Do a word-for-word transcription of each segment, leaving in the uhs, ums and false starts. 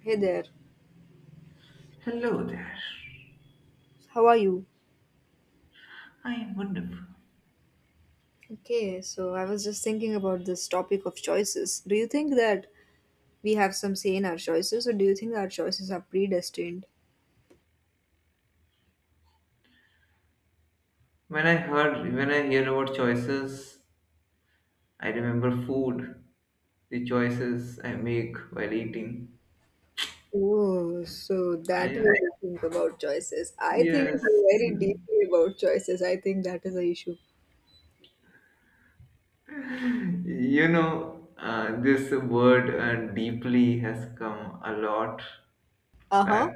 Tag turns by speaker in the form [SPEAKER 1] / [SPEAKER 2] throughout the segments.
[SPEAKER 1] Hey there,
[SPEAKER 2] Hello there.
[SPEAKER 1] how are you?
[SPEAKER 2] I am wonderful.
[SPEAKER 1] Okay, so I was just thinking about this topic of choices. Do you think that we have some say in our choices, or do you think our choices are predestined?
[SPEAKER 2] When I heard, when I hear about choices, I remember food, the choices I make while eating.
[SPEAKER 1] Oh, so that way
[SPEAKER 2] I,
[SPEAKER 1] you think about choices. I think
[SPEAKER 2] yes,
[SPEAKER 1] very deeply about choices. I think that is a issue.
[SPEAKER 2] you know, uh, this word uh, deeply has come a lot
[SPEAKER 1] Uh
[SPEAKER 2] back,
[SPEAKER 1] huh.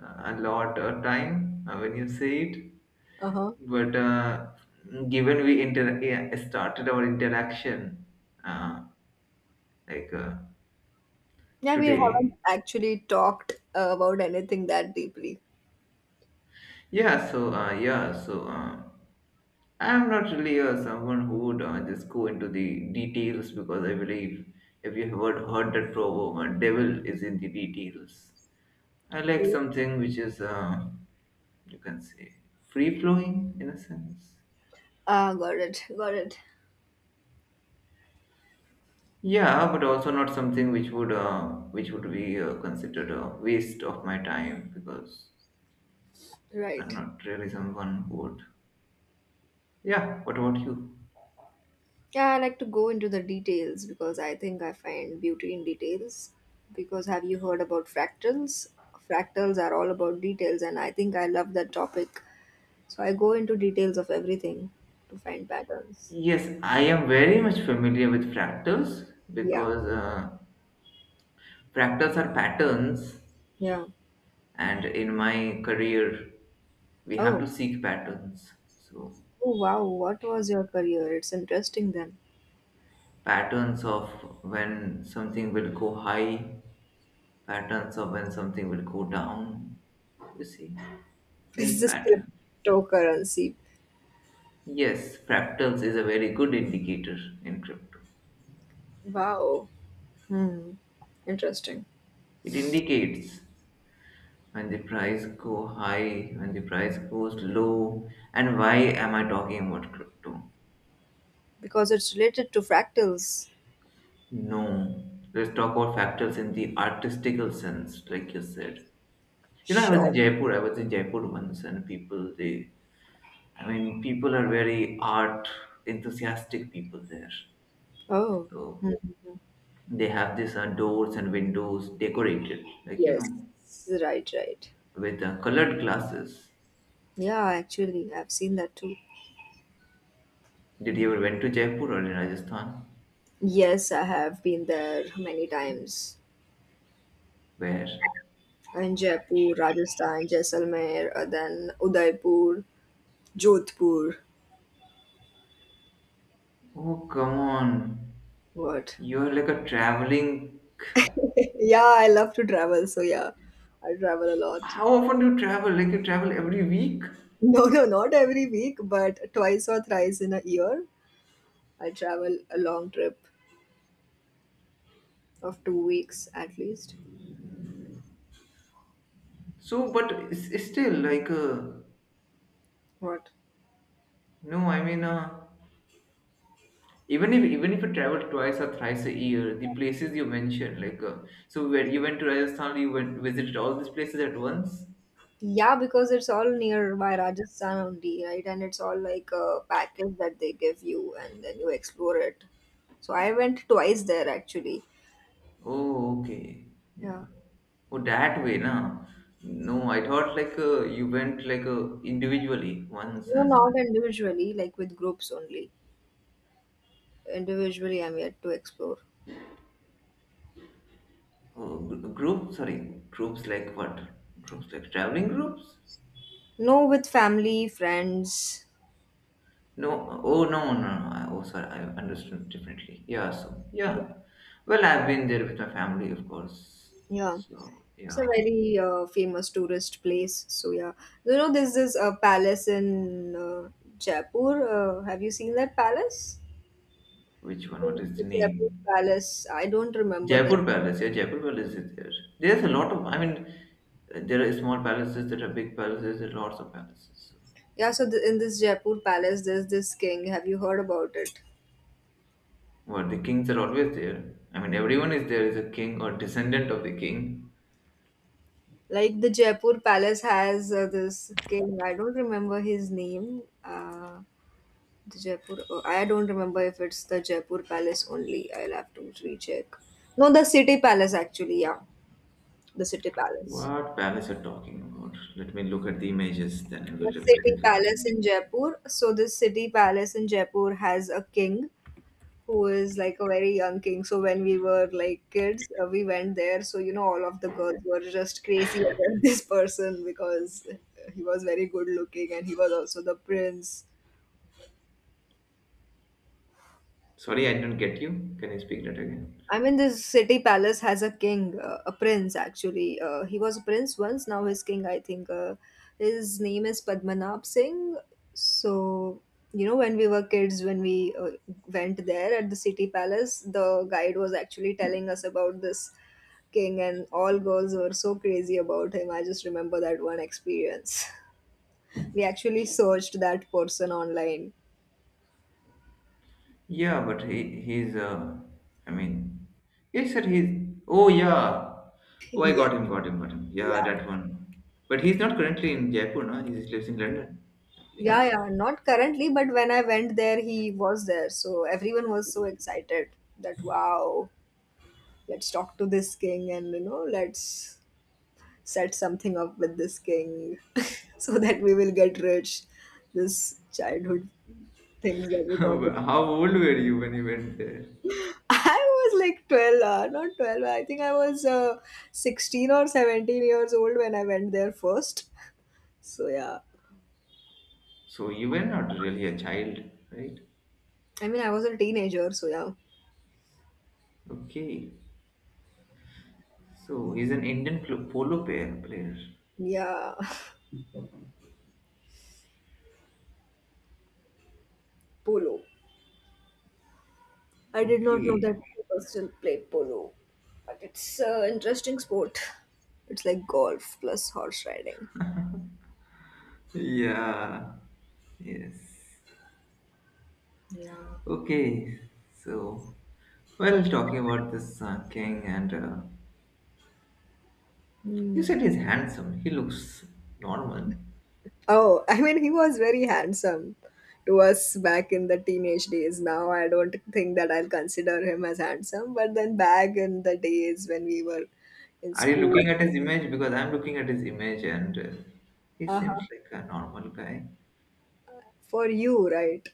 [SPEAKER 2] a lot of time uh, when you say it.
[SPEAKER 1] Uh huh.
[SPEAKER 2] But uh, given we inter- yeah, started our interaction uh, like uh,
[SPEAKER 1] Yeah, we haven't
[SPEAKER 2] today.
[SPEAKER 1] actually talked uh, about anything that deeply.
[SPEAKER 2] Yeah, so uh, yeah, so uh, I'm not really uh, someone who would uh, just go into the details, because I believe, if you have heard, heard that proverb, uh, devil is in the details. I like
[SPEAKER 1] Oh.
[SPEAKER 2] something which is uh, you can say free flowing in a sense.
[SPEAKER 1] Ah, got it. Got it.
[SPEAKER 2] Yeah, but also not something which would uh, which would be uh, considered a waste of my time, because I'm
[SPEAKER 1] Right.
[SPEAKER 2] not really someone who would. Yeah, what about you?
[SPEAKER 1] Yeah, I like to go into the details because I think I find beauty in details. Because have you heard about fractals? Fractals are all about details, and I think I love that topic. So I go into details of everything to find patterns.
[SPEAKER 2] Yes, I am very much familiar with fractals,
[SPEAKER 1] Yeah,
[SPEAKER 2] because uh, fractals are patterns,
[SPEAKER 1] yeah.
[SPEAKER 2] and in my career we have
[SPEAKER 1] Oh,
[SPEAKER 2] to seek patterns. So,
[SPEAKER 1] oh wow, what was your career? It's interesting then.
[SPEAKER 2] patterns of when something will go high, patterns of when something will go down. You see,
[SPEAKER 1] Is
[SPEAKER 2] these
[SPEAKER 1] this
[SPEAKER 2] patterns.
[SPEAKER 1] cryptocurrency?
[SPEAKER 2] Yes, fractals is a very good indicator in crypto.
[SPEAKER 1] Wow. Hmm. Interesting.
[SPEAKER 2] It indicates when the price go high, when the price goes low. And why am I talking about crypto?
[SPEAKER 1] Because it's related to fractals.
[SPEAKER 2] No, let's talk about factors in the artistical sense, like you said. You know, i was
[SPEAKER 1] Sure.
[SPEAKER 2] in jaipur i was in jaipur once, and people they I mean, people are very art enthusiastic people there.
[SPEAKER 1] Oh.
[SPEAKER 2] So
[SPEAKER 1] Hmm.
[SPEAKER 2] they have these uh, doors and windows decorated, like, you
[SPEAKER 1] Yes.
[SPEAKER 2] know,
[SPEAKER 1] Right, right.
[SPEAKER 2] with uh, colored glasses.
[SPEAKER 1] Yeah, actually, I've seen that too.
[SPEAKER 2] Did you ever went to Jaipur or in Rajasthan?
[SPEAKER 1] Yes, I have been there many times.
[SPEAKER 2] Where?
[SPEAKER 1] In Jaipur, Rajasthan, Jaisalmer, uh, then Udaipur, Jodhpur.
[SPEAKER 2] Oh, come on.
[SPEAKER 1] What?
[SPEAKER 2] You're like a traveling.
[SPEAKER 1] yeah, I love to travel, so yeah, I travel a lot.
[SPEAKER 2] How often do you travel? Like, you travel every week?
[SPEAKER 1] No, no, not every week, but twice or thrice in a year. I travel a long trip of two weeks at least.
[SPEAKER 2] So, but it's, it's still like, uh,
[SPEAKER 1] What?
[SPEAKER 2] no. I mean, uh, even if even if you travel twice or thrice a year, the places you mentioned, like, uh, so, where you went to Rajasthan, you went visited all these places at once.
[SPEAKER 1] Yeah, because it's all nearby Rajasthan only, right? And it's all like a package that they give you, and then you explore it. So I went twice there actually.
[SPEAKER 2] Oh, okay,
[SPEAKER 1] Yeah,
[SPEAKER 2] yeah. Oh, that way, na? No, I thought like, uh, you went like, uh, individually once.
[SPEAKER 1] no, not
[SPEAKER 2] And
[SPEAKER 1] individually, like with groups only. Individually, I'm yet to explore.
[SPEAKER 2] oh, gr- group. Sorry, groups like what? Groups like traveling groups?
[SPEAKER 1] No, with family, friends.
[SPEAKER 2] No, oh no, no, no. I, oh, sorry, I understood differently. Yeah, so
[SPEAKER 1] Yeah,
[SPEAKER 2] yeah. Well, I've been there with my family, of course.
[SPEAKER 1] yeah.
[SPEAKER 2] So
[SPEAKER 1] It's a
[SPEAKER 2] yeah.
[SPEAKER 1] very uh, famous tourist place. So yeah, you know, there's this uh, palace in uh, Jaipur. Uh, have you seen that palace?
[SPEAKER 2] Which one?
[SPEAKER 1] In
[SPEAKER 2] What is
[SPEAKER 1] the
[SPEAKER 2] the
[SPEAKER 1] Jaipur
[SPEAKER 2] name?
[SPEAKER 1] Palace. I don't remember that.
[SPEAKER 2] Jaipur Palace. Yeah, Jaipur Palace is there. There's a lot of. I mean, there are small palaces, there are big palaces, there are lots of palaces. So,
[SPEAKER 1] Yeah, so the, in this Jaipur Palace, there's this king. Have you heard about it?
[SPEAKER 2] well, the kings are always there. I mean, everyone is there is a king or descendant of the king.
[SPEAKER 1] Like the Jaipur Palace has uh, this king. I don't remember his name. Uh, the Jaipur. Oh, I don't remember if it's the Jaipur Palace only. I'll have to recheck. No, the City Palace actually. Yeah, the City Palace.
[SPEAKER 2] What palace are talking about? Let me look at the images, then I
[SPEAKER 1] The
[SPEAKER 2] will
[SPEAKER 1] City
[SPEAKER 2] recognize.
[SPEAKER 1] Palace in Jaipur. So this City Palace in Jaipur has a king who is like a very young king. So when we were like kids, uh, we went there. So you know, all of the girls were just crazy about this person because he was very good looking and he was also the prince.
[SPEAKER 2] Sorry, I didn't get you. Can you speak that again?
[SPEAKER 1] I mean, this city palace has a king, uh, a prince actually. Uh, he was a prince once, now he's king, I think. Uh, his name is Padmanabh Singh. So, you know, when we were kids, when we uh, went there at the city palace, the guide was actually telling us about this king, and all girls were so crazy about him. I just remember that one experience. we actually searched that person online.
[SPEAKER 2] Yeah, but he he's uh I mean, yes sir, he's, oh yeah. Oh, I
[SPEAKER 1] yeah,
[SPEAKER 2] got him, got him, got him. Yeah,
[SPEAKER 1] yeah.
[SPEAKER 2] that one. But he's not currently in Jaipur, no? He lives in London, actually.
[SPEAKER 1] Yeah, yeah, not currently, but when I went there, he was there. So everyone was so excited that wow, let's talk to this king, and you know, let's set something up with this king so that we will get rich. This childhood things that we talk about.
[SPEAKER 2] How old were you when you went there?
[SPEAKER 1] I was like twelve, uh, not twelve, I think I was uh, sixteen or seventeen years old when I went there first. So yeah,
[SPEAKER 2] So you were not really a child, right?
[SPEAKER 1] I mean, I was a teenager, so yeah,
[SPEAKER 2] Okay. So he's an Indian pl- polo player player.
[SPEAKER 1] yeah, polo. I did not know that
[SPEAKER 2] Okay.
[SPEAKER 1] people still play polo, but it's an interesting sport. It's like golf plus horse riding.
[SPEAKER 2] Yeah. Yes.
[SPEAKER 1] Yeah.
[SPEAKER 2] Okay, so, well, talking about this uh, king, and uh, you
[SPEAKER 1] Hmm.
[SPEAKER 2] said he's handsome. He looks normal.
[SPEAKER 1] Oh, I mean, he was very handsome to us back in the teenage days. Now I don't think that I'll consider him as handsome, but then back in the days when we were in
[SPEAKER 2] Are you
[SPEAKER 1] school,
[SPEAKER 2] looking at his image? Because I'm looking at his image, and uh, he
[SPEAKER 1] uh-huh.
[SPEAKER 2] seems like a normal guy.
[SPEAKER 1] For you, right?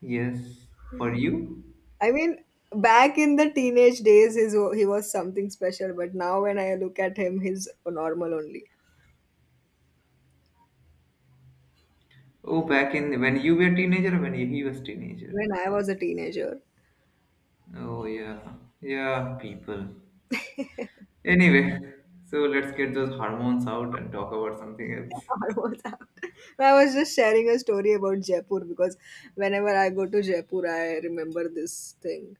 [SPEAKER 2] Yes, for you.
[SPEAKER 1] I mean, back in the teenage days, his, he was something special, but now when I look at him, he's normal only.
[SPEAKER 2] Oh, back in when you were teenager, or when he was teenager.
[SPEAKER 1] When I was a teenager.
[SPEAKER 2] Oh yeah, yeah, people. Anyway, so let's get those hormones out and talk about something else.
[SPEAKER 1] I was out. I was just sharing a story about Jaipur because whenever I go to Jaipur, I remember this thing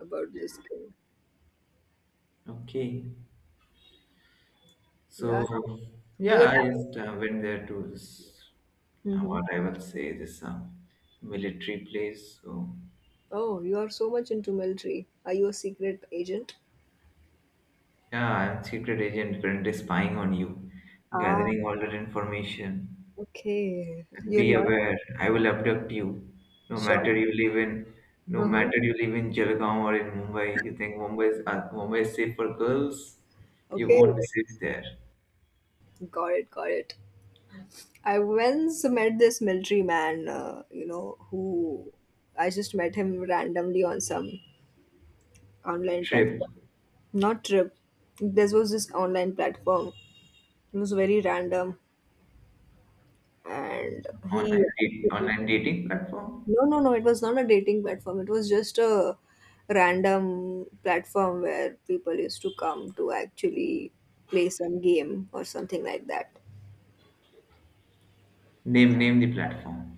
[SPEAKER 1] about this thing.
[SPEAKER 2] Okay.
[SPEAKER 1] Yeah,
[SPEAKER 2] So
[SPEAKER 1] you
[SPEAKER 2] yeah, I just
[SPEAKER 1] were
[SPEAKER 2] uh, went there to this, uh,
[SPEAKER 1] hmm.
[SPEAKER 2] what I will say, this uh, military place. So
[SPEAKER 1] Oh, you are so much into military. Are you a secret agent?
[SPEAKER 2] yeah, I'm secret agent, currently spying on you,
[SPEAKER 1] Ah,
[SPEAKER 2] gathering all that information.
[SPEAKER 1] okay.
[SPEAKER 2] And
[SPEAKER 1] You're
[SPEAKER 2] be
[SPEAKER 1] not
[SPEAKER 2] aware, I will abduct you. No
[SPEAKER 1] sure.
[SPEAKER 2] matter you live in, no
[SPEAKER 1] Uh-huh.
[SPEAKER 2] matter you live in Jalgaon or in Mumbai. You think Mumbai is, uh, Mumbai is safe for girls? You
[SPEAKER 1] Okay,
[SPEAKER 2] won't be safe there.
[SPEAKER 1] got it, got it. I once met this military man, uh, you know, who I just met him randomly on some online
[SPEAKER 2] Trip,
[SPEAKER 1] platform. Not Trip. This was this online platform. It was very random, and he.
[SPEAKER 2] online date, online dating platform.
[SPEAKER 1] No, no, no. It was not a dating platform. It was just a random platform where people used to come to actually play some game or something like that.
[SPEAKER 2] Name name the platform.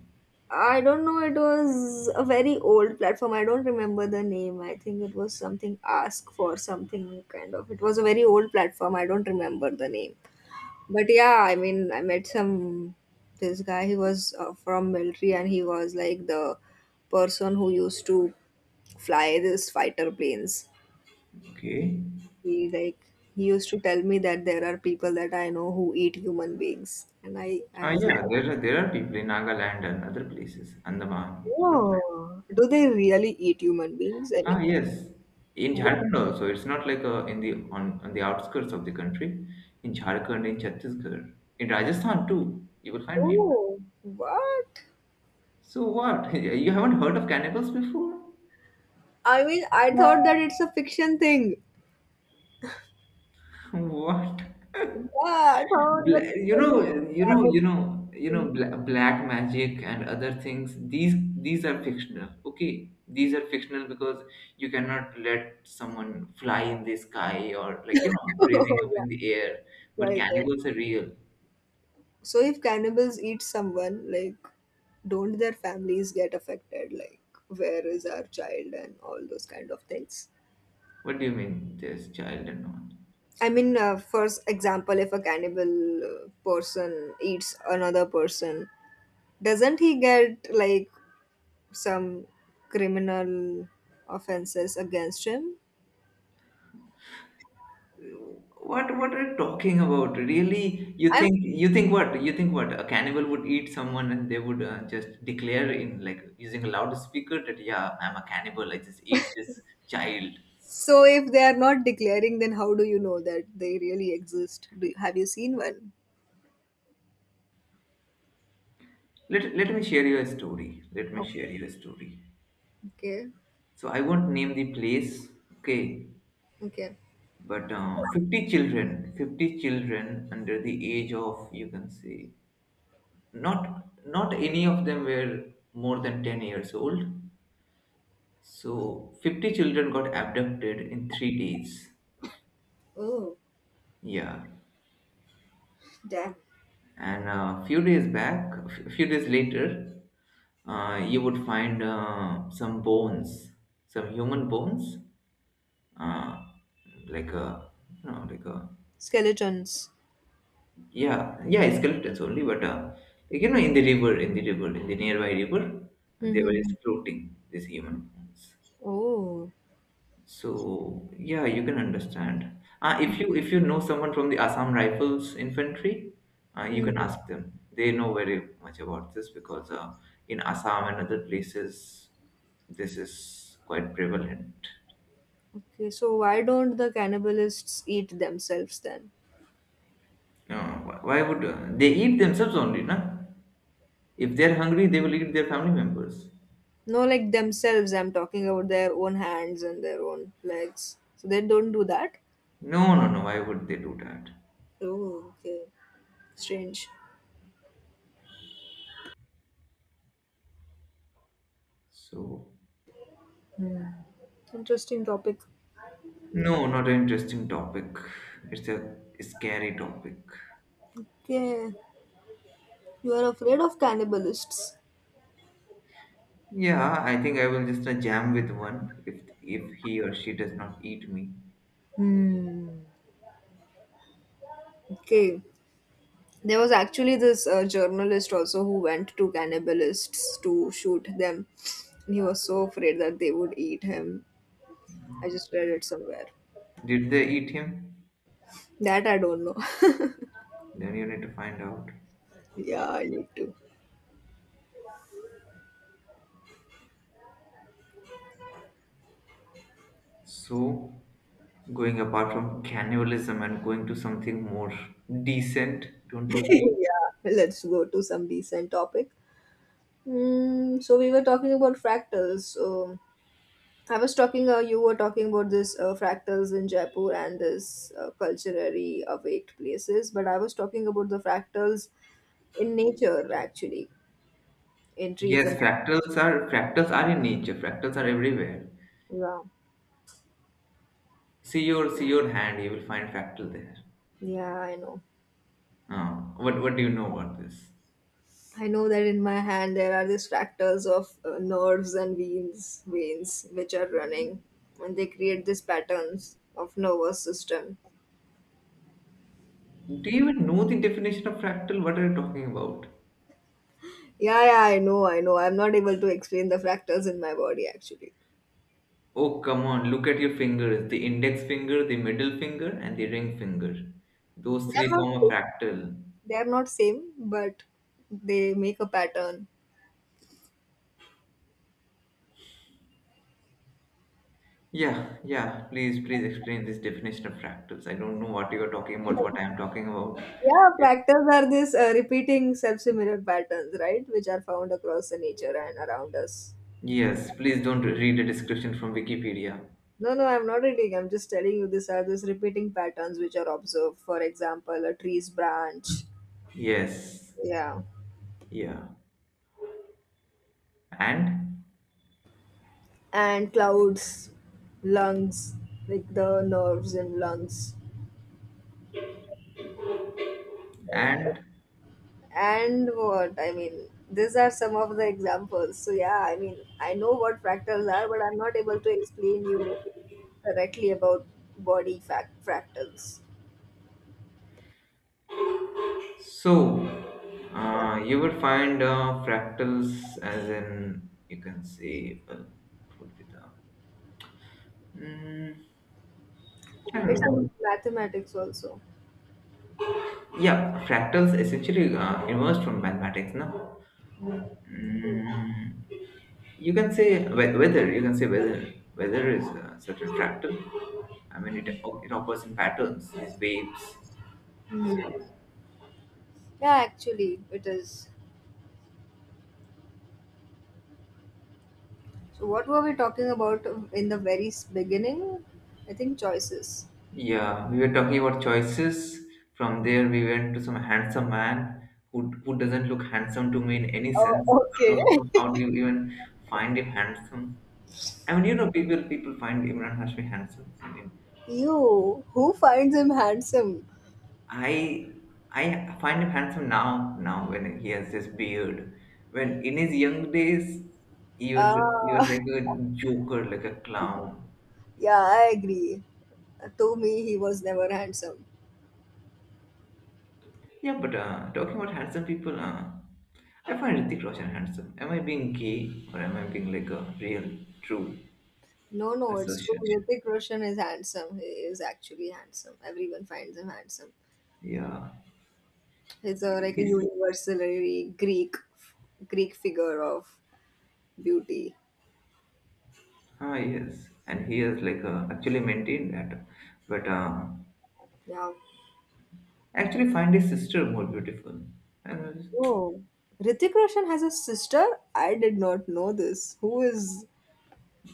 [SPEAKER 1] I don't know. It was a very old platform. I don't remember the name. I think it was something Ask for something kind of. It was a very old platform. I don't remember the name. But yeah, I mean, I met some this guy. He was uh, from military, and he was like the person who used to fly these fighter planes.
[SPEAKER 2] Okay.
[SPEAKER 1] He like he used to tell me that there are people that I know who eat human beings, and i i
[SPEAKER 2] Ah,
[SPEAKER 1] was
[SPEAKER 2] yeah,
[SPEAKER 1] like,
[SPEAKER 2] there are there are people in Nagaland and other places, Andaman. You can find.
[SPEAKER 1] oh, do they really eat human beings? I
[SPEAKER 2] Ah,
[SPEAKER 1] mean,
[SPEAKER 2] yes, in
[SPEAKER 1] wha-
[SPEAKER 2] Jharkhand also. It's not like, uh, in the, on, on the outskirts of the country. In Jharkhand, in Chhattisgarh, in Rajasthan too, you will find people.
[SPEAKER 1] what
[SPEAKER 2] So what? You haven't heard of cannibals before?
[SPEAKER 1] i mean i thought that it's a fiction thing.
[SPEAKER 2] What?
[SPEAKER 1] Yeah, I thought
[SPEAKER 2] Bla- you know
[SPEAKER 1] that.
[SPEAKER 2] you know you know you know bla- black magic and other things, these these are fictional. Okay, these are fictional, because you cannot let someone fly in the sky, or like, you know raising up
[SPEAKER 1] yeah,
[SPEAKER 2] in the air. But
[SPEAKER 1] right, right.
[SPEAKER 2] cannibals are real.
[SPEAKER 1] So if cannibals eat someone, like, don't their families get affected? Like, where is our child and all those kind of things?
[SPEAKER 2] What do you mean there's child and all?
[SPEAKER 1] I mean, uh, for s- example, if a cannibal uh, person eats another person, doesn't he get like some criminal offenses against him?
[SPEAKER 2] What what are you talking about? Really? You
[SPEAKER 1] I'm,
[SPEAKER 2] think you think what? You think what? A cannibal would eat someone and they would uh, just declare in, like, using a loudspeaker that, yeah, I'm a cannibal, I just eat this child.
[SPEAKER 1] so if they are not declaring, then how do you know that they really exist? Do you, have you seen one?
[SPEAKER 2] Let let me share you a story. Let me
[SPEAKER 1] Okay.
[SPEAKER 2] share you a story.
[SPEAKER 1] Okay.
[SPEAKER 2] So I won't name the place, okay?
[SPEAKER 1] Okay.
[SPEAKER 2] But uh, fifty children, fifty children under the age of, you can say, not not any of them were more than ten years old. So, fifty children got abducted in three days.
[SPEAKER 1] Oh,
[SPEAKER 2] Yeah.
[SPEAKER 1] damn.
[SPEAKER 2] And a few days back, a few days later, uh, you would find uh, some bones, some human bones, uh, like a, you know, like a,
[SPEAKER 1] Skeletons.
[SPEAKER 2] yeah, yeah, skeletons only, but uh, like, you know, in the river, in the river, in the nearby river, they were just
[SPEAKER 1] Mhm.
[SPEAKER 2] floating, these human bones.
[SPEAKER 1] Oh.
[SPEAKER 2] So yeah, you can understand. Uh, if you if you know someone from the Assam Rifles Infantry, uh, you
[SPEAKER 1] Mm.
[SPEAKER 2] can ask them. They know very much about this, because uh, in Assam and other places, this is quite prevalent.
[SPEAKER 1] Okay, so why don't the cannibalists eat themselves then?
[SPEAKER 2] No, wh- why would uh, they eat themselves only, na? If they're hungry, they will eat their family members.
[SPEAKER 1] No, like themselves, I'm talking about their own hands and their own legs. So they don't do that?
[SPEAKER 2] No, no, no. Why would they do that?
[SPEAKER 1] Oh, okay. Strange.
[SPEAKER 2] So
[SPEAKER 1] Interesting topic.
[SPEAKER 2] no, not an interesting topic. It's a scary topic.
[SPEAKER 1] Okay. You are afraid of cannibalists.
[SPEAKER 2] Yeah, I think I will just uh, jam with one, if if he or she does not eat me.
[SPEAKER 1] Hmm. Okay. There was actually this uh, journalist also who went to cannibalists to shoot them. And he was so afraid that they would eat him. I just read it somewhere.
[SPEAKER 2] Did they eat him?
[SPEAKER 1] That I don't know.
[SPEAKER 2] Then you need to find out.
[SPEAKER 1] yeah, I need to.
[SPEAKER 2] So, going apart from cannibalism and going to something more decent, don't you agree?
[SPEAKER 1] yeah, let's go to some decent topic. Mm, so we were talking about fractals. So I was talking, uh, you were talking about this uh, fractals in Jaipur and this uh, culturally awaked places, but I was talking about the fractals in nature actually, in trees
[SPEAKER 2] Yes,
[SPEAKER 1] and,
[SPEAKER 2] fractals are fractals are in nature. Fractals are everywhere.
[SPEAKER 1] yeah,
[SPEAKER 2] See your see your hand, you will find fractal there.
[SPEAKER 1] yeah, I know.
[SPEAKER 2] Uh, what what do you know about this?
[SPEAKER 1] I know that in my hand there are these fractals of uh, nerves and veins, veins which are running, and they create these patterns of nervous system.
[SPEAKER 2] Do you even know the definition of fractal? What are you talking about?
[SPEAKER 1] Yeah, yeah, I know, I know. I'm not able to explain the fractals in my body actually.
[SPEAKER 2] Oh, come on, look at your fingers. The index finger, the middle finger, and the ring finger. Those
[SPEAKER 1] They're
[SPEAKER 2] three
[SPEAKER 1] not
[SPEAKER 2] form a
[SPEAKER 1] same.
[SPEAKER 2] fractal.
[SPEAKER 1] They're not same, but they make a pattern.
[SPEAKER 2] Yeah, yeah, please, please explain this definition of fractals. I don't know what you are talking about, what I am talking about.
[SPEAKER 1] Yeah, fractals are these uh, repeating self-similar patterns, right, which are found across the nature and around us.
[SPEAKER 2] Yes, please don't read a description from Wikipedia.
[SPEAKER 1] No, no, I'm not reading. I'm just telling you these are these repeating patterns which are observed. For example, a tree's branch,
[SPEAKER 2] Yes,
[SPEAKER 1] yeah,
[SPEAKER 2] yeah. And,
[SPEAKER 1] and clouds, lungs, like the nerves in lungs, and,
[SPEAKER 2] and,
[SPEAKER 1] and what I mean. These are some of the examples. So yeah, I mean, I know what fractals are, but I'm not able to explain you correctly about body fact fractals.
[SPEAKER 2] so,
[SPEAKER 1] Yeah,
[SPEAKER 2] uh, you will find uh, fractals as in, you can say, well, what would be the, mm, I don't
[SPEAKER 1] it's in
[SPEAKER 2] know.
[SPEAKER 1] mathematics also.
[SPEAKER 2] Yeah, fractals essentially uh, emerged from mathematics, no?
[SPEAKER 1] Hmm.
[SPEAKER 2] Mm, you can say, whe- whether you can say whether whether is a certain fractal. I mean, it it occurs in patterns, these waves.
[SPEAKER 1] Hmm. Yeah, actually, it is. So, what were we talking about in the very s- beginning? I think choices.
[SPEAKER 2] Yeah, we were talking about choices. From there, we went to some handsome man who who doesn't look handsome to me in any
[SPEAKER 1] Oh,
[SPEAKER 2] sense. I
[SPEAKER 1] okay.
[SPEAKER 2] don't know how do you even find him handsome. I mean, you know, people people find Imran Hashmi handsome.
[SPEAKER 1] You, who finds him handsome?
[SPEAKER 2] I I find him handsome now. Now, when he has this beard, when in his young days, he was he was
[SPEAKER 1] Ah,
[SPEAKER 2] like a joker, like a clown.
[SPEAKER 1] yeah, I agree. To me, he was never handsome.
[SPEAKER 2] Yeah, but uh, talking about handsome people, uh, I find Hrithik Roshan handsome. Am I being gay, or am I being like a real, true
[SPEAKER 1] No, no, it's true.
[SPEAKER 2] assertion?
[SPEAKER 1] Hrithik Roshan is handsome. He is actually handsome. Everyone finds him handsome.
[SPEAKER 2] Yeah,
[SPEAKER 1] He's a, like a
[SPEAKER 2] he's,
[SPEAKER 1] universally Greek, Greek figure of beauty.
[SPEAKER 2] ah yes, and he has like, uh, actually maintained that, but uh,
[SPEAKER 1] Yeah.
[SPEAKER 2] I actually find his sister more beautiful. And
[SPEAKER 1] Oh, Ritik Roshan has a sister? I did not know this. Who is?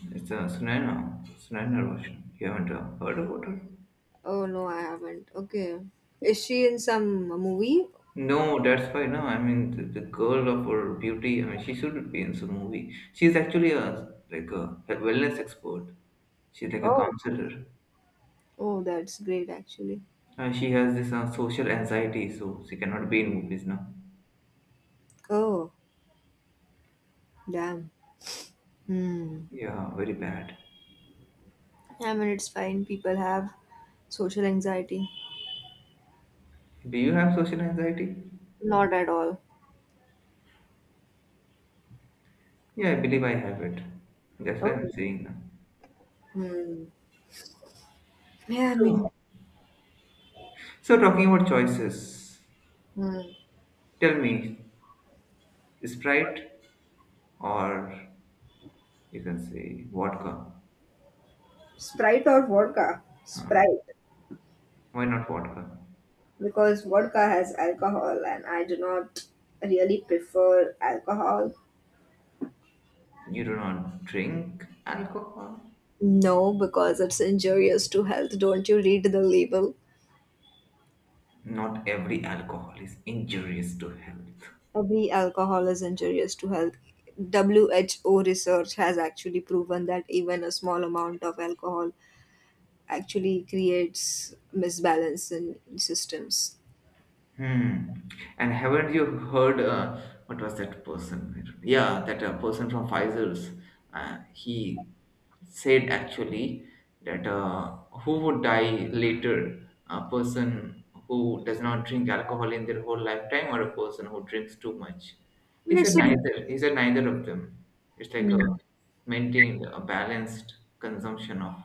[SPEAKER 2] it's a Sunaina, Sunaina Roshan. You haven't uh, heard about her?
[SPEAKER 1] Oh no, I haven't. Okay, is she in some movie?
[SPEAKER 2] No, that's why. No, I mean the, the girl of her beauty. I mean, she should be in some movie. She's actually a like a, a wellness expert. She's like a
[SPEAKER 1] Oh,
[SPEAKER 2] counselor.
[SPEAKER 1] oh, that's great actually.
[SPEAKER 2] Uh, she has this uh, social anxiety, so she cannot be in movies now.
[SPEAKER 1] Oh, damn. Hmm.
[SPEAKER 2] Yeah, very bad.
[SPEAKER 1] I mean, it's fine. People have social anxiety.
[SPEAKER 2] Do you have social anxiety?
[SPEAKER 1] Not at all.
[SPEAKER 2] Yeah, I believe I have it. That's why
[SPEAKER 1] Oh.
[SPEAKER 2] I'm saying now.
[SPEAKER 1] Hmm. Yeah, I mean,
[SPEAKER 2] So, so talking about choices,
[SPEAKER 1] hmm.
[SPEAKER 2] tell me, Sprite, or you can say, vodka.
[SPEAKER 1] Sprite or vodka?
[SPEAKER 2] Um,
[SPEAKER 1] Sprite,
[SPEAKER 2] why not vodka?
[SPEAKER 1] because vodka has alcohol, and I do not really prefer alcohol.
[SPEAKER 2] You do not drink alcohol.
[SPEAKER 1] No, because it's injurious to health. Don't you read the label?
[SPEAKER 2] Not every alcohol is injurious to health.
[SPEAKER 1] Every alcohol is injurious to health. W H O research has actually proven that even a small amount of alcohol actually creates misbalance in systems.
[SPEAKER 2] Hmm. And haven't you heard, uh, what was that person? Yeah, that uh, person from Pfizer's. Uh, he said actually that, uh, who would die later? A person who does not drink alcohol in their whole lifetime, or a person who drinks too much?
[SPEAKER 1] I
[SPEAKER 2] He
[SPEAKER 1] mean, it's
[SPEAKER 2] said
[SPEAKER 1] a,
[SPEAKER 2] neither. He said neither of them. It's like a
[SPEAKER 1] Hmm.
[SPEAKER 2] maintained, a balanced consumption of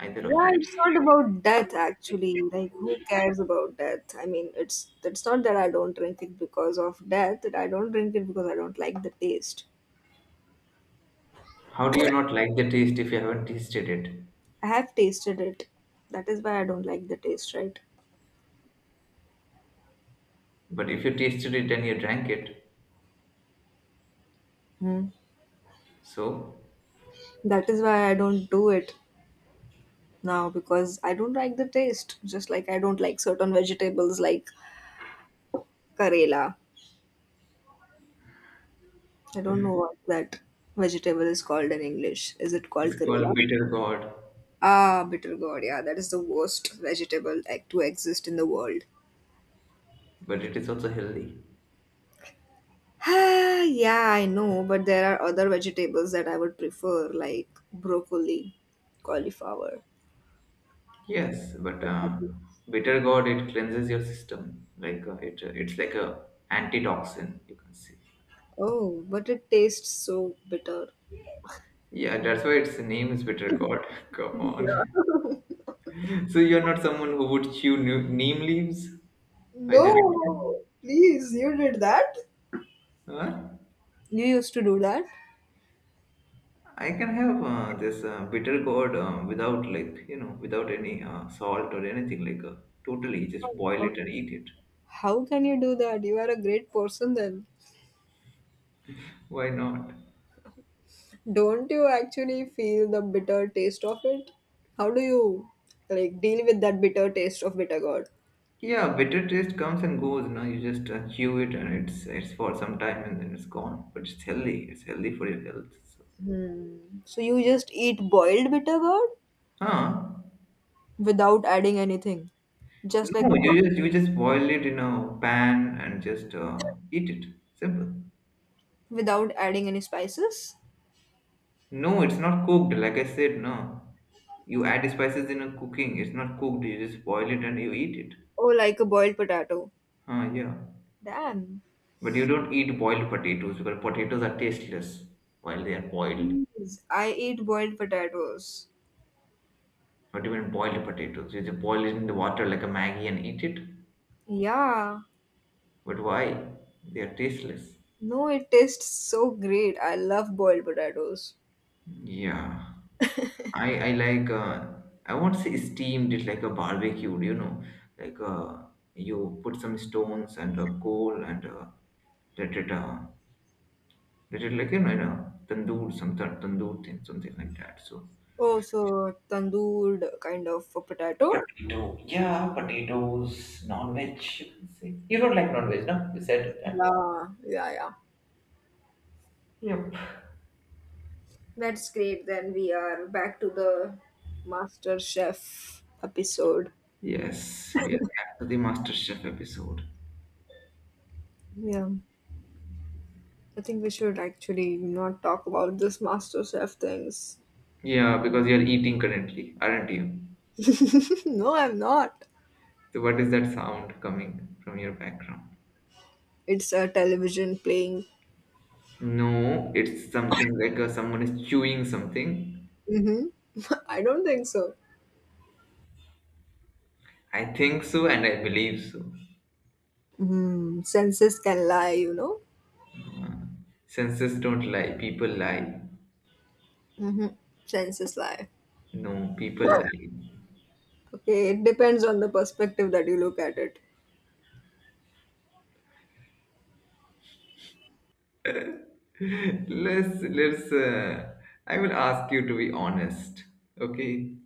[SPEAKER 2] either of
[SPEAKER 1] yeah,
[SPEAKER 2] it.
[SPEAKER 1] it's not about death actually. Like, who cares about death? I mean, it's it's not that I don't drink it because of death. I don't drink it because I don't like the taste.
[SPEAKER 2] How do you not like the taste if you haven't tasted it?
[SPEAKER 1] I have tasted it. That is why I don't like the taste, right?
[SPEAKER 2] But if you tasted it and you drank it,
[SPEAKER 1] Hmm.
[SPEAKER 2] so
[SPEAKER 1] That is why I don't do it now because I don't like the taste. Just like I don't like certain vegetables like Karela. I don't know what that vegetable is called in English. Is it called
[SPEAKER 2] it's
[SPEAKER 1] Karela?
[SPEAKER 2] called bitter gourd,
[SPEAKER 1] Ah, bitter gourd. Yeah, that is the worst vegetable like, to exist in the world.
[SPEAKER 2] but it is also healthy.
[SPEAKER 1] Ah, yeah, I know, but there are other vegetables that I would prefer, like broccoli, cauliflower,
[SPEAKER 2] Yes, but uh,
[SPEAKER 1] potato.
[SPEAKER 2] bitter gourd it cleanses your system. Like uh, it, uh, it's like a antitoxin. You can see.
[SPEAKER 1] Oh, but it tastes so bitter.
[SPEAKER 2] Yeah, that's why its name is bitter gourd. Come on.
[SPEAKER 1] Yeah.
[SPEAKER 2] So you're not someone who would chew new- neem leaves by
[SPEAKER 1] No,
[SPEAKER 2] their.
[SPEAKER 1] please, you did that?
[SPEAKER 2] Huh?
[SPEAKER 1] You used to do that?
[SPEAKER 2] I can have uh, this uh, bitter gourd uh, without like you know without any uh, salt or anything like uh, totally just boil it and eat it.
[SPEAKER 1] How can you do that? You are a great person then.
[SPEAKER 2] Why not?
[SPEAKER 1] Don't you actually feel the bitter taste of it? How do you like deal with that bitter taste of bitter gourd?
[SPEAKER 2] Yeah, bitter taste comes and goes. Now you just uh, chew it and it's it's for some time and then it's gone. But it's healthy. It's healthy for your health. So,
[SPEAKER 1] Hmm. So you just eat boiled bitter gourd
[SPEAKER 2] huh?
[SPEAKER 1] without adding anything, just like a,
[SPEAKER 2] No,
[SPEAKER 1] bo-
[SPEAKER 2] you just you just boil it in a pan and just uh, eat it. Simple.
[SPEAKER 1] without adding any spices,
[SPEAKER 2] No, it's not cooked. Like I said, no. You add spices in a cooking. It's not cooked. You just boil it and you eat it.
[SPEAKER 1] or like a boiled potato.
[SPEAKER 2] Huh? Yeah.
[SPEAKER 1] Damn.
[SPEAKER 2] But you don't eat boiled potatoes because potatoes are tasteless while they are boiled.
[SPEAKER 1] Yes, I eat boiled potatoes.
[SPEAKER 2] Not even boiled potatoes. You just boil it in the water like a Maggie and eat it.
[SPEAKER 1] Yeah.
[SPEAKER 2] But why? They are tasteless.
[SPEAKER 1] No, it tastes so great. I love boiled potatoes.
[SPEAKER 2] Yeah. I I like uh, I won't say steamed it like a barbecue, you know, like uh, you put some stones and a coal and uh, let it uh, let it like you know, in a tandoor, some ta- tandoor thing, something like that. So
[SPEAKER 1] Oh, so tandoor kind of a potato?
[SPEAKER 2] potato, yeah, potatoes, non-veg. You can say you don't like non-veg, no? You said that.
[SPEAKER 1] Yeah, yeah, yeah.
[SPEAKER 2] Yep.
[SPEAKER 1] That's great. Then we are back to the Master Chef episode.
[SPEAKER 2] Yes, we are back to the Master Chef episode.
[SPEAKER 1] Yeah. I think we should actually not talk about this Master Chef things.
[SPEAKER 2] Yeah, because you're eating currently, aren't you?
[SPEAKER 1] No, I'm not.
[SPEAKER 2] So what is that sound coming from your background?
[SPEAKER 1] It's a television playing.
[SPEAKER 2] No, it's something like uh, someone is chewing something.
[SPEAKER 1] Mm-hmm. I don't think so.
[SPEAKER 2] I think so and I believe so.
[SPEAKER 1] Hmm, senses can lie, you know.
[SPEAKER 2] Senses don't lie, people lie.
[SPEAKER 1] Hmm. Senses lie.
[SPEAKER 2] No, people lie.
[SPEAKER 1] Okay, it depends on the perspective that you look at it.
[SPEAKER 2] let's let's uh, I will ask you to be honest. Okay?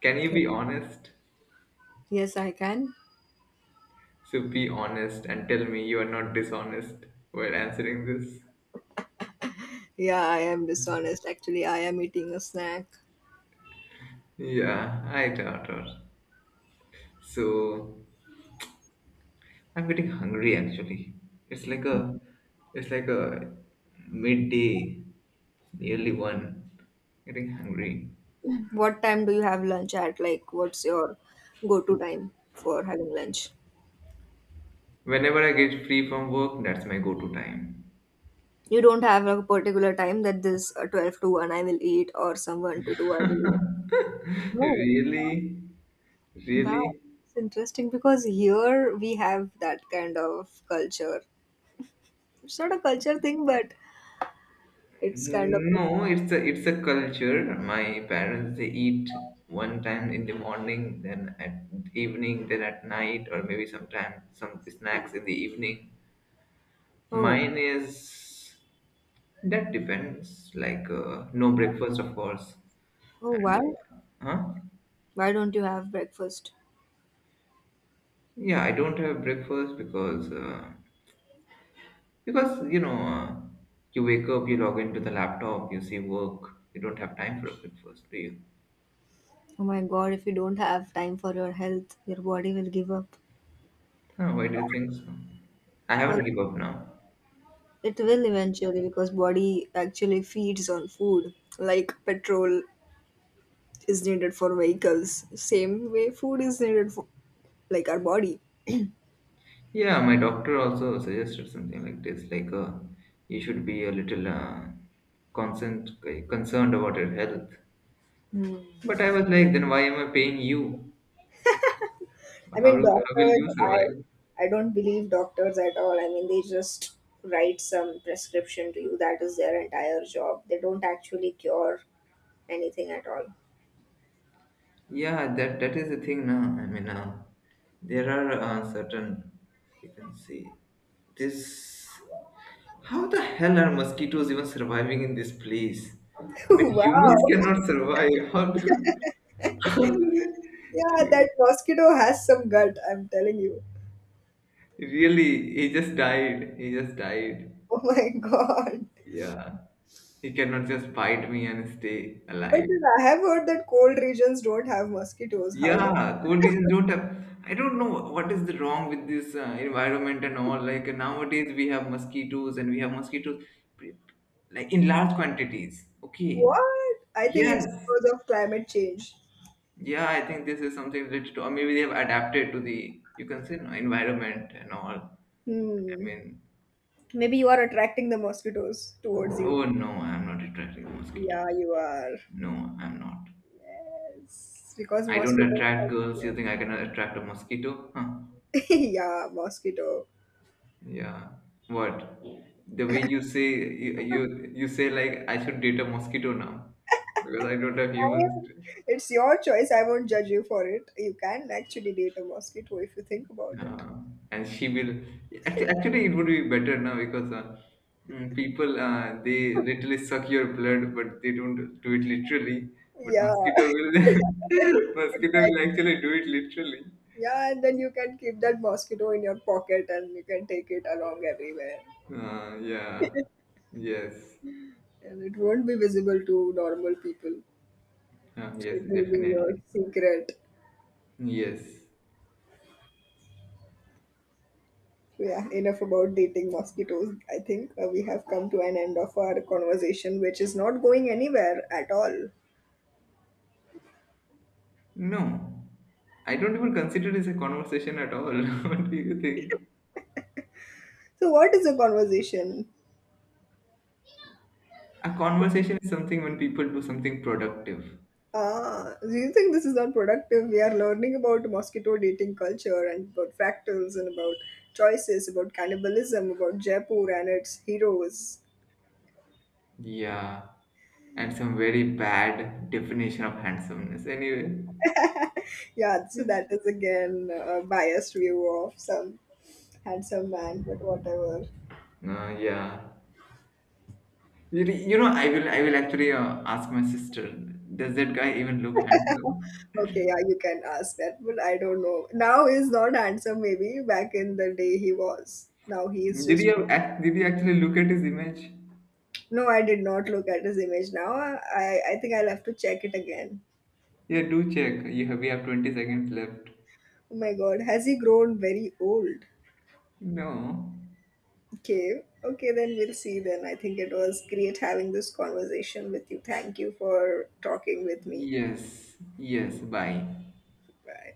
[SPEAKER 2] Can you
[SPEAKER 1] Okay.
[SPEAKER 2] be honest?
[SPEAKER 1] Yes, I can.
[SPEAKER 2] So be honest and tell me you are not dishonest while answering this.
[SPEAKER 1] Yeah, I am dishonest. Actually, I am eating a snack.
[SPEAKER 2] Yeah, I thought. of- So I'm getting hungry actually. It's like a, it's like a midday, nearly one. Getting hungry.
[SPEAKER 1] What time do you have lunch at? Like, what's your go-to time for having lunch?
[SPEAKER 2] Whenever I get free from work, that's my go-to time.
[SPEAKER 1] You don't have a particular time that this uh, twelve to one I will eat or some one to two I will eat. No.
[SPEAKER 2] Really,
[SPEAKER 1] Wow.
[SPEAKER 2] really.
[SPEAKER 1] It's interesting because here we have that kind of culture. It's not a culture thing, but it's kind of
[SPEAKER 2] No, it's a it's a culture. My parents they eat one time in the morning, then at evening, then at night, or maybe sometime some snacks in the evening.
[SPEAKER 1] oh.
[SPEAKER 2] Mine is that depends. Like uh, no breakfast, of course.
[SPEAKER 1] Oh,
[SPEAKER 2] And
[SPEAKER 1] why
[SPEAKER 2] uh, huh?
[SPEAKER 1] why don't you have breakfast?
[SPEAKER 2] Yeah, I don't have breakfast because uh, because you know uh, you wake up, you log into the laptop, you see work. You don't have time for a breakfast, do you?
[SPEAKER 1] Oh my God! If you don't have time for your health, your body will give up
[SPEAKER 2] Huh, why do you think so? I
[SPEAKER 1] because
[SPEAKER 2] haven't give up now.
[SPEAKER 1] it will eventually, because body actually feeds on food. Like petrol is needed for vehicles, same way food is needed for like our body.
[SPEAKER 2] Yeah, my doctor also suggested something like this, like uh, you should be a little uh, concerned concerned about your health. But I was like, then why am I paying you?
[SPEAKER 1] I
[SPEAKER 2] How
[SPEAKER 1] mean,
[SPEAKER 2] do, how will
[SPEAKER 1] doctors,
[SPEAKER 2] you
[SPEAKER 1] I
[SPEAKER 2] survive?
[SPEAKER 1] I don't believe doctors at all. I mean, they just write some prescription to you. That is their entire job. They don't actually cure anything at all.
[SPEAKER 2] Yeah, that that is the thing now. I mean, uh, there are uh, certain you can see this. How the hell are mosquitoes even surviving in this place? I mean,
[SPEAKER 1] Wow.
[SPEAKER 2] humans cannot survive. How do, how do they,
[SPEAKER 1] Yeah, that mosquito has some gut, I'm telling you.
[SPEAKER 2] really? He just died. He just died.
[SPEAKER 1] Oh my god.
[SPEAKER 2] Yeah, he cannot just bite me and stay
[SPEAKER 1] But
[SPEAKER 2] alive.
[SPEAKER 1] then I have heard that cold regions don't have mosquitoes. How do,
[SPEAKER 2] Yeah, cold regions don't have. I don't know what is the wrong with this uh, environment and all. Like uh, nowadays, we have mosquitoes and we have mosquitoes pre- like in large quantities. Okay.
[SPEAKER 1] what? I think it's
[SPEAKER 2] Yes.
[SPEAKER 1] because of climate change.
[SPEAKER 2] Yeah, I think this is something related to, or maybe they have adapted to the, you can say, no, environment and all. I
[SPEAKER 1] Hmm.
[SPEAKER 2] mean,
[SPEAKER 1] Maybe you are attracting the mosquitoes towards you.
[SPEAKER 2] oh no, I'm not attracted to
[SPEAKER 1] Yeah,
[SPEAKER 2] mosquitoes.
[SPEAKER 1] you are.
[SPEAKER 2] No, I'm not.
[SPEAKER 1] Yes. Because
[SPEAKER 2] I don't
[SPEAKER 1] mosquitoes
[SPEAKER 2] attract
[SPEAKER 1] have
[SPEAKER 2] girls. You think I can attract a mosquito? Huh.
[SPEAKER 1] yeah, mosquito.
[SPEAKER 2] Yeah. What? The way you say you you, you say like I should date a mosquito now because I don't have
[SPEAKER 1] I,
[SPEAKER 2] humans. To,
[SPEAKER 1] it's your choice. I won't judge you for it. You can actually date a mosquito if you think about it.
[SPEAKER 2] uh, and she will actually, actually it would be better now because uh, mm, people uh, they literally suck your blood but they don't do it literally. But
[SPEAKER 1] Yeah.
[SPEAKER 2] mosquito will mosquito will
[SPEAKER 1] Exactly.
[SPEAKER 2] actually do it literally.
[SPEAKER 1] Yeah, and then you can keep that mosquito in your pocket and you can take it along everywhere.
[SPEAKER 2] Uh, yeah. Yes.
[SPEAKER 1] And it won't be visible to normal people.
[SPEAKER 2] Uh,
[SPEAKER 1] So
[SPEAKER 2] yes.
[SPEAKER 1] it will be your
[SPEAKER 2] Definitely.
[SPEAKER 1] secret.
[SPEAKER 2] Yes.
[SPEAKER 1] Yeah, enough about dating mosquitoes. I think uh, we have come to an end of our conversation, which is not going anywhere at all.
[SPEAKER 2] No, I don't even consider this a conversation at all. What do you think?
[SPEAKER 1] So, what is a conversation?
[SPEAKER 2] A conversation is something when people do something productive.
[SPEAKER 1] Ah, do you think this is not productive? We are learning about mosquito dating culture and about fractals and about choices, about cannibalism, about Jaipur and its heroes.
[SPEAKER 2] Yeah, and some very bad definition of handsomeness. Anyway,
[SPEAKER 1] Yeah, so
[SPEAKER 2] yeah,
[SPEAKER 1] that is again a biased view of some handsome man, but whatever.
[SPEAKER 2] Uh, yeah. You, you know, I will I will actually uh, ask my sister. Does that guy even look handsome?
[SPEAKER 1] Okay, yeah, you can ask that, but I don't know. Now he's not handsome, maybe back in the day he was. Now he is
[SPEAKER 2] Did he
[SPEAKER 1] just.
[SPEAKER 2] have, ac- did he actually look at his image?
[SPEAKER 1] No, I did not look at his image now. I, I think I'll have to check it again.
[SPEAKER 2] Yeah, do check. You have, we have twenty seconds left.
[SPEAKER 1] Oh my god, has he grown very old?
[SPEAKER 2] No.
[SPEAKER 1] Okay. Okay, then we'll see then. I think it was great having this conversation with you. Thank you for talking with me.
[SPEAKER 2] Yes. Yes. Bye.
[SPEAKER 1] Bye.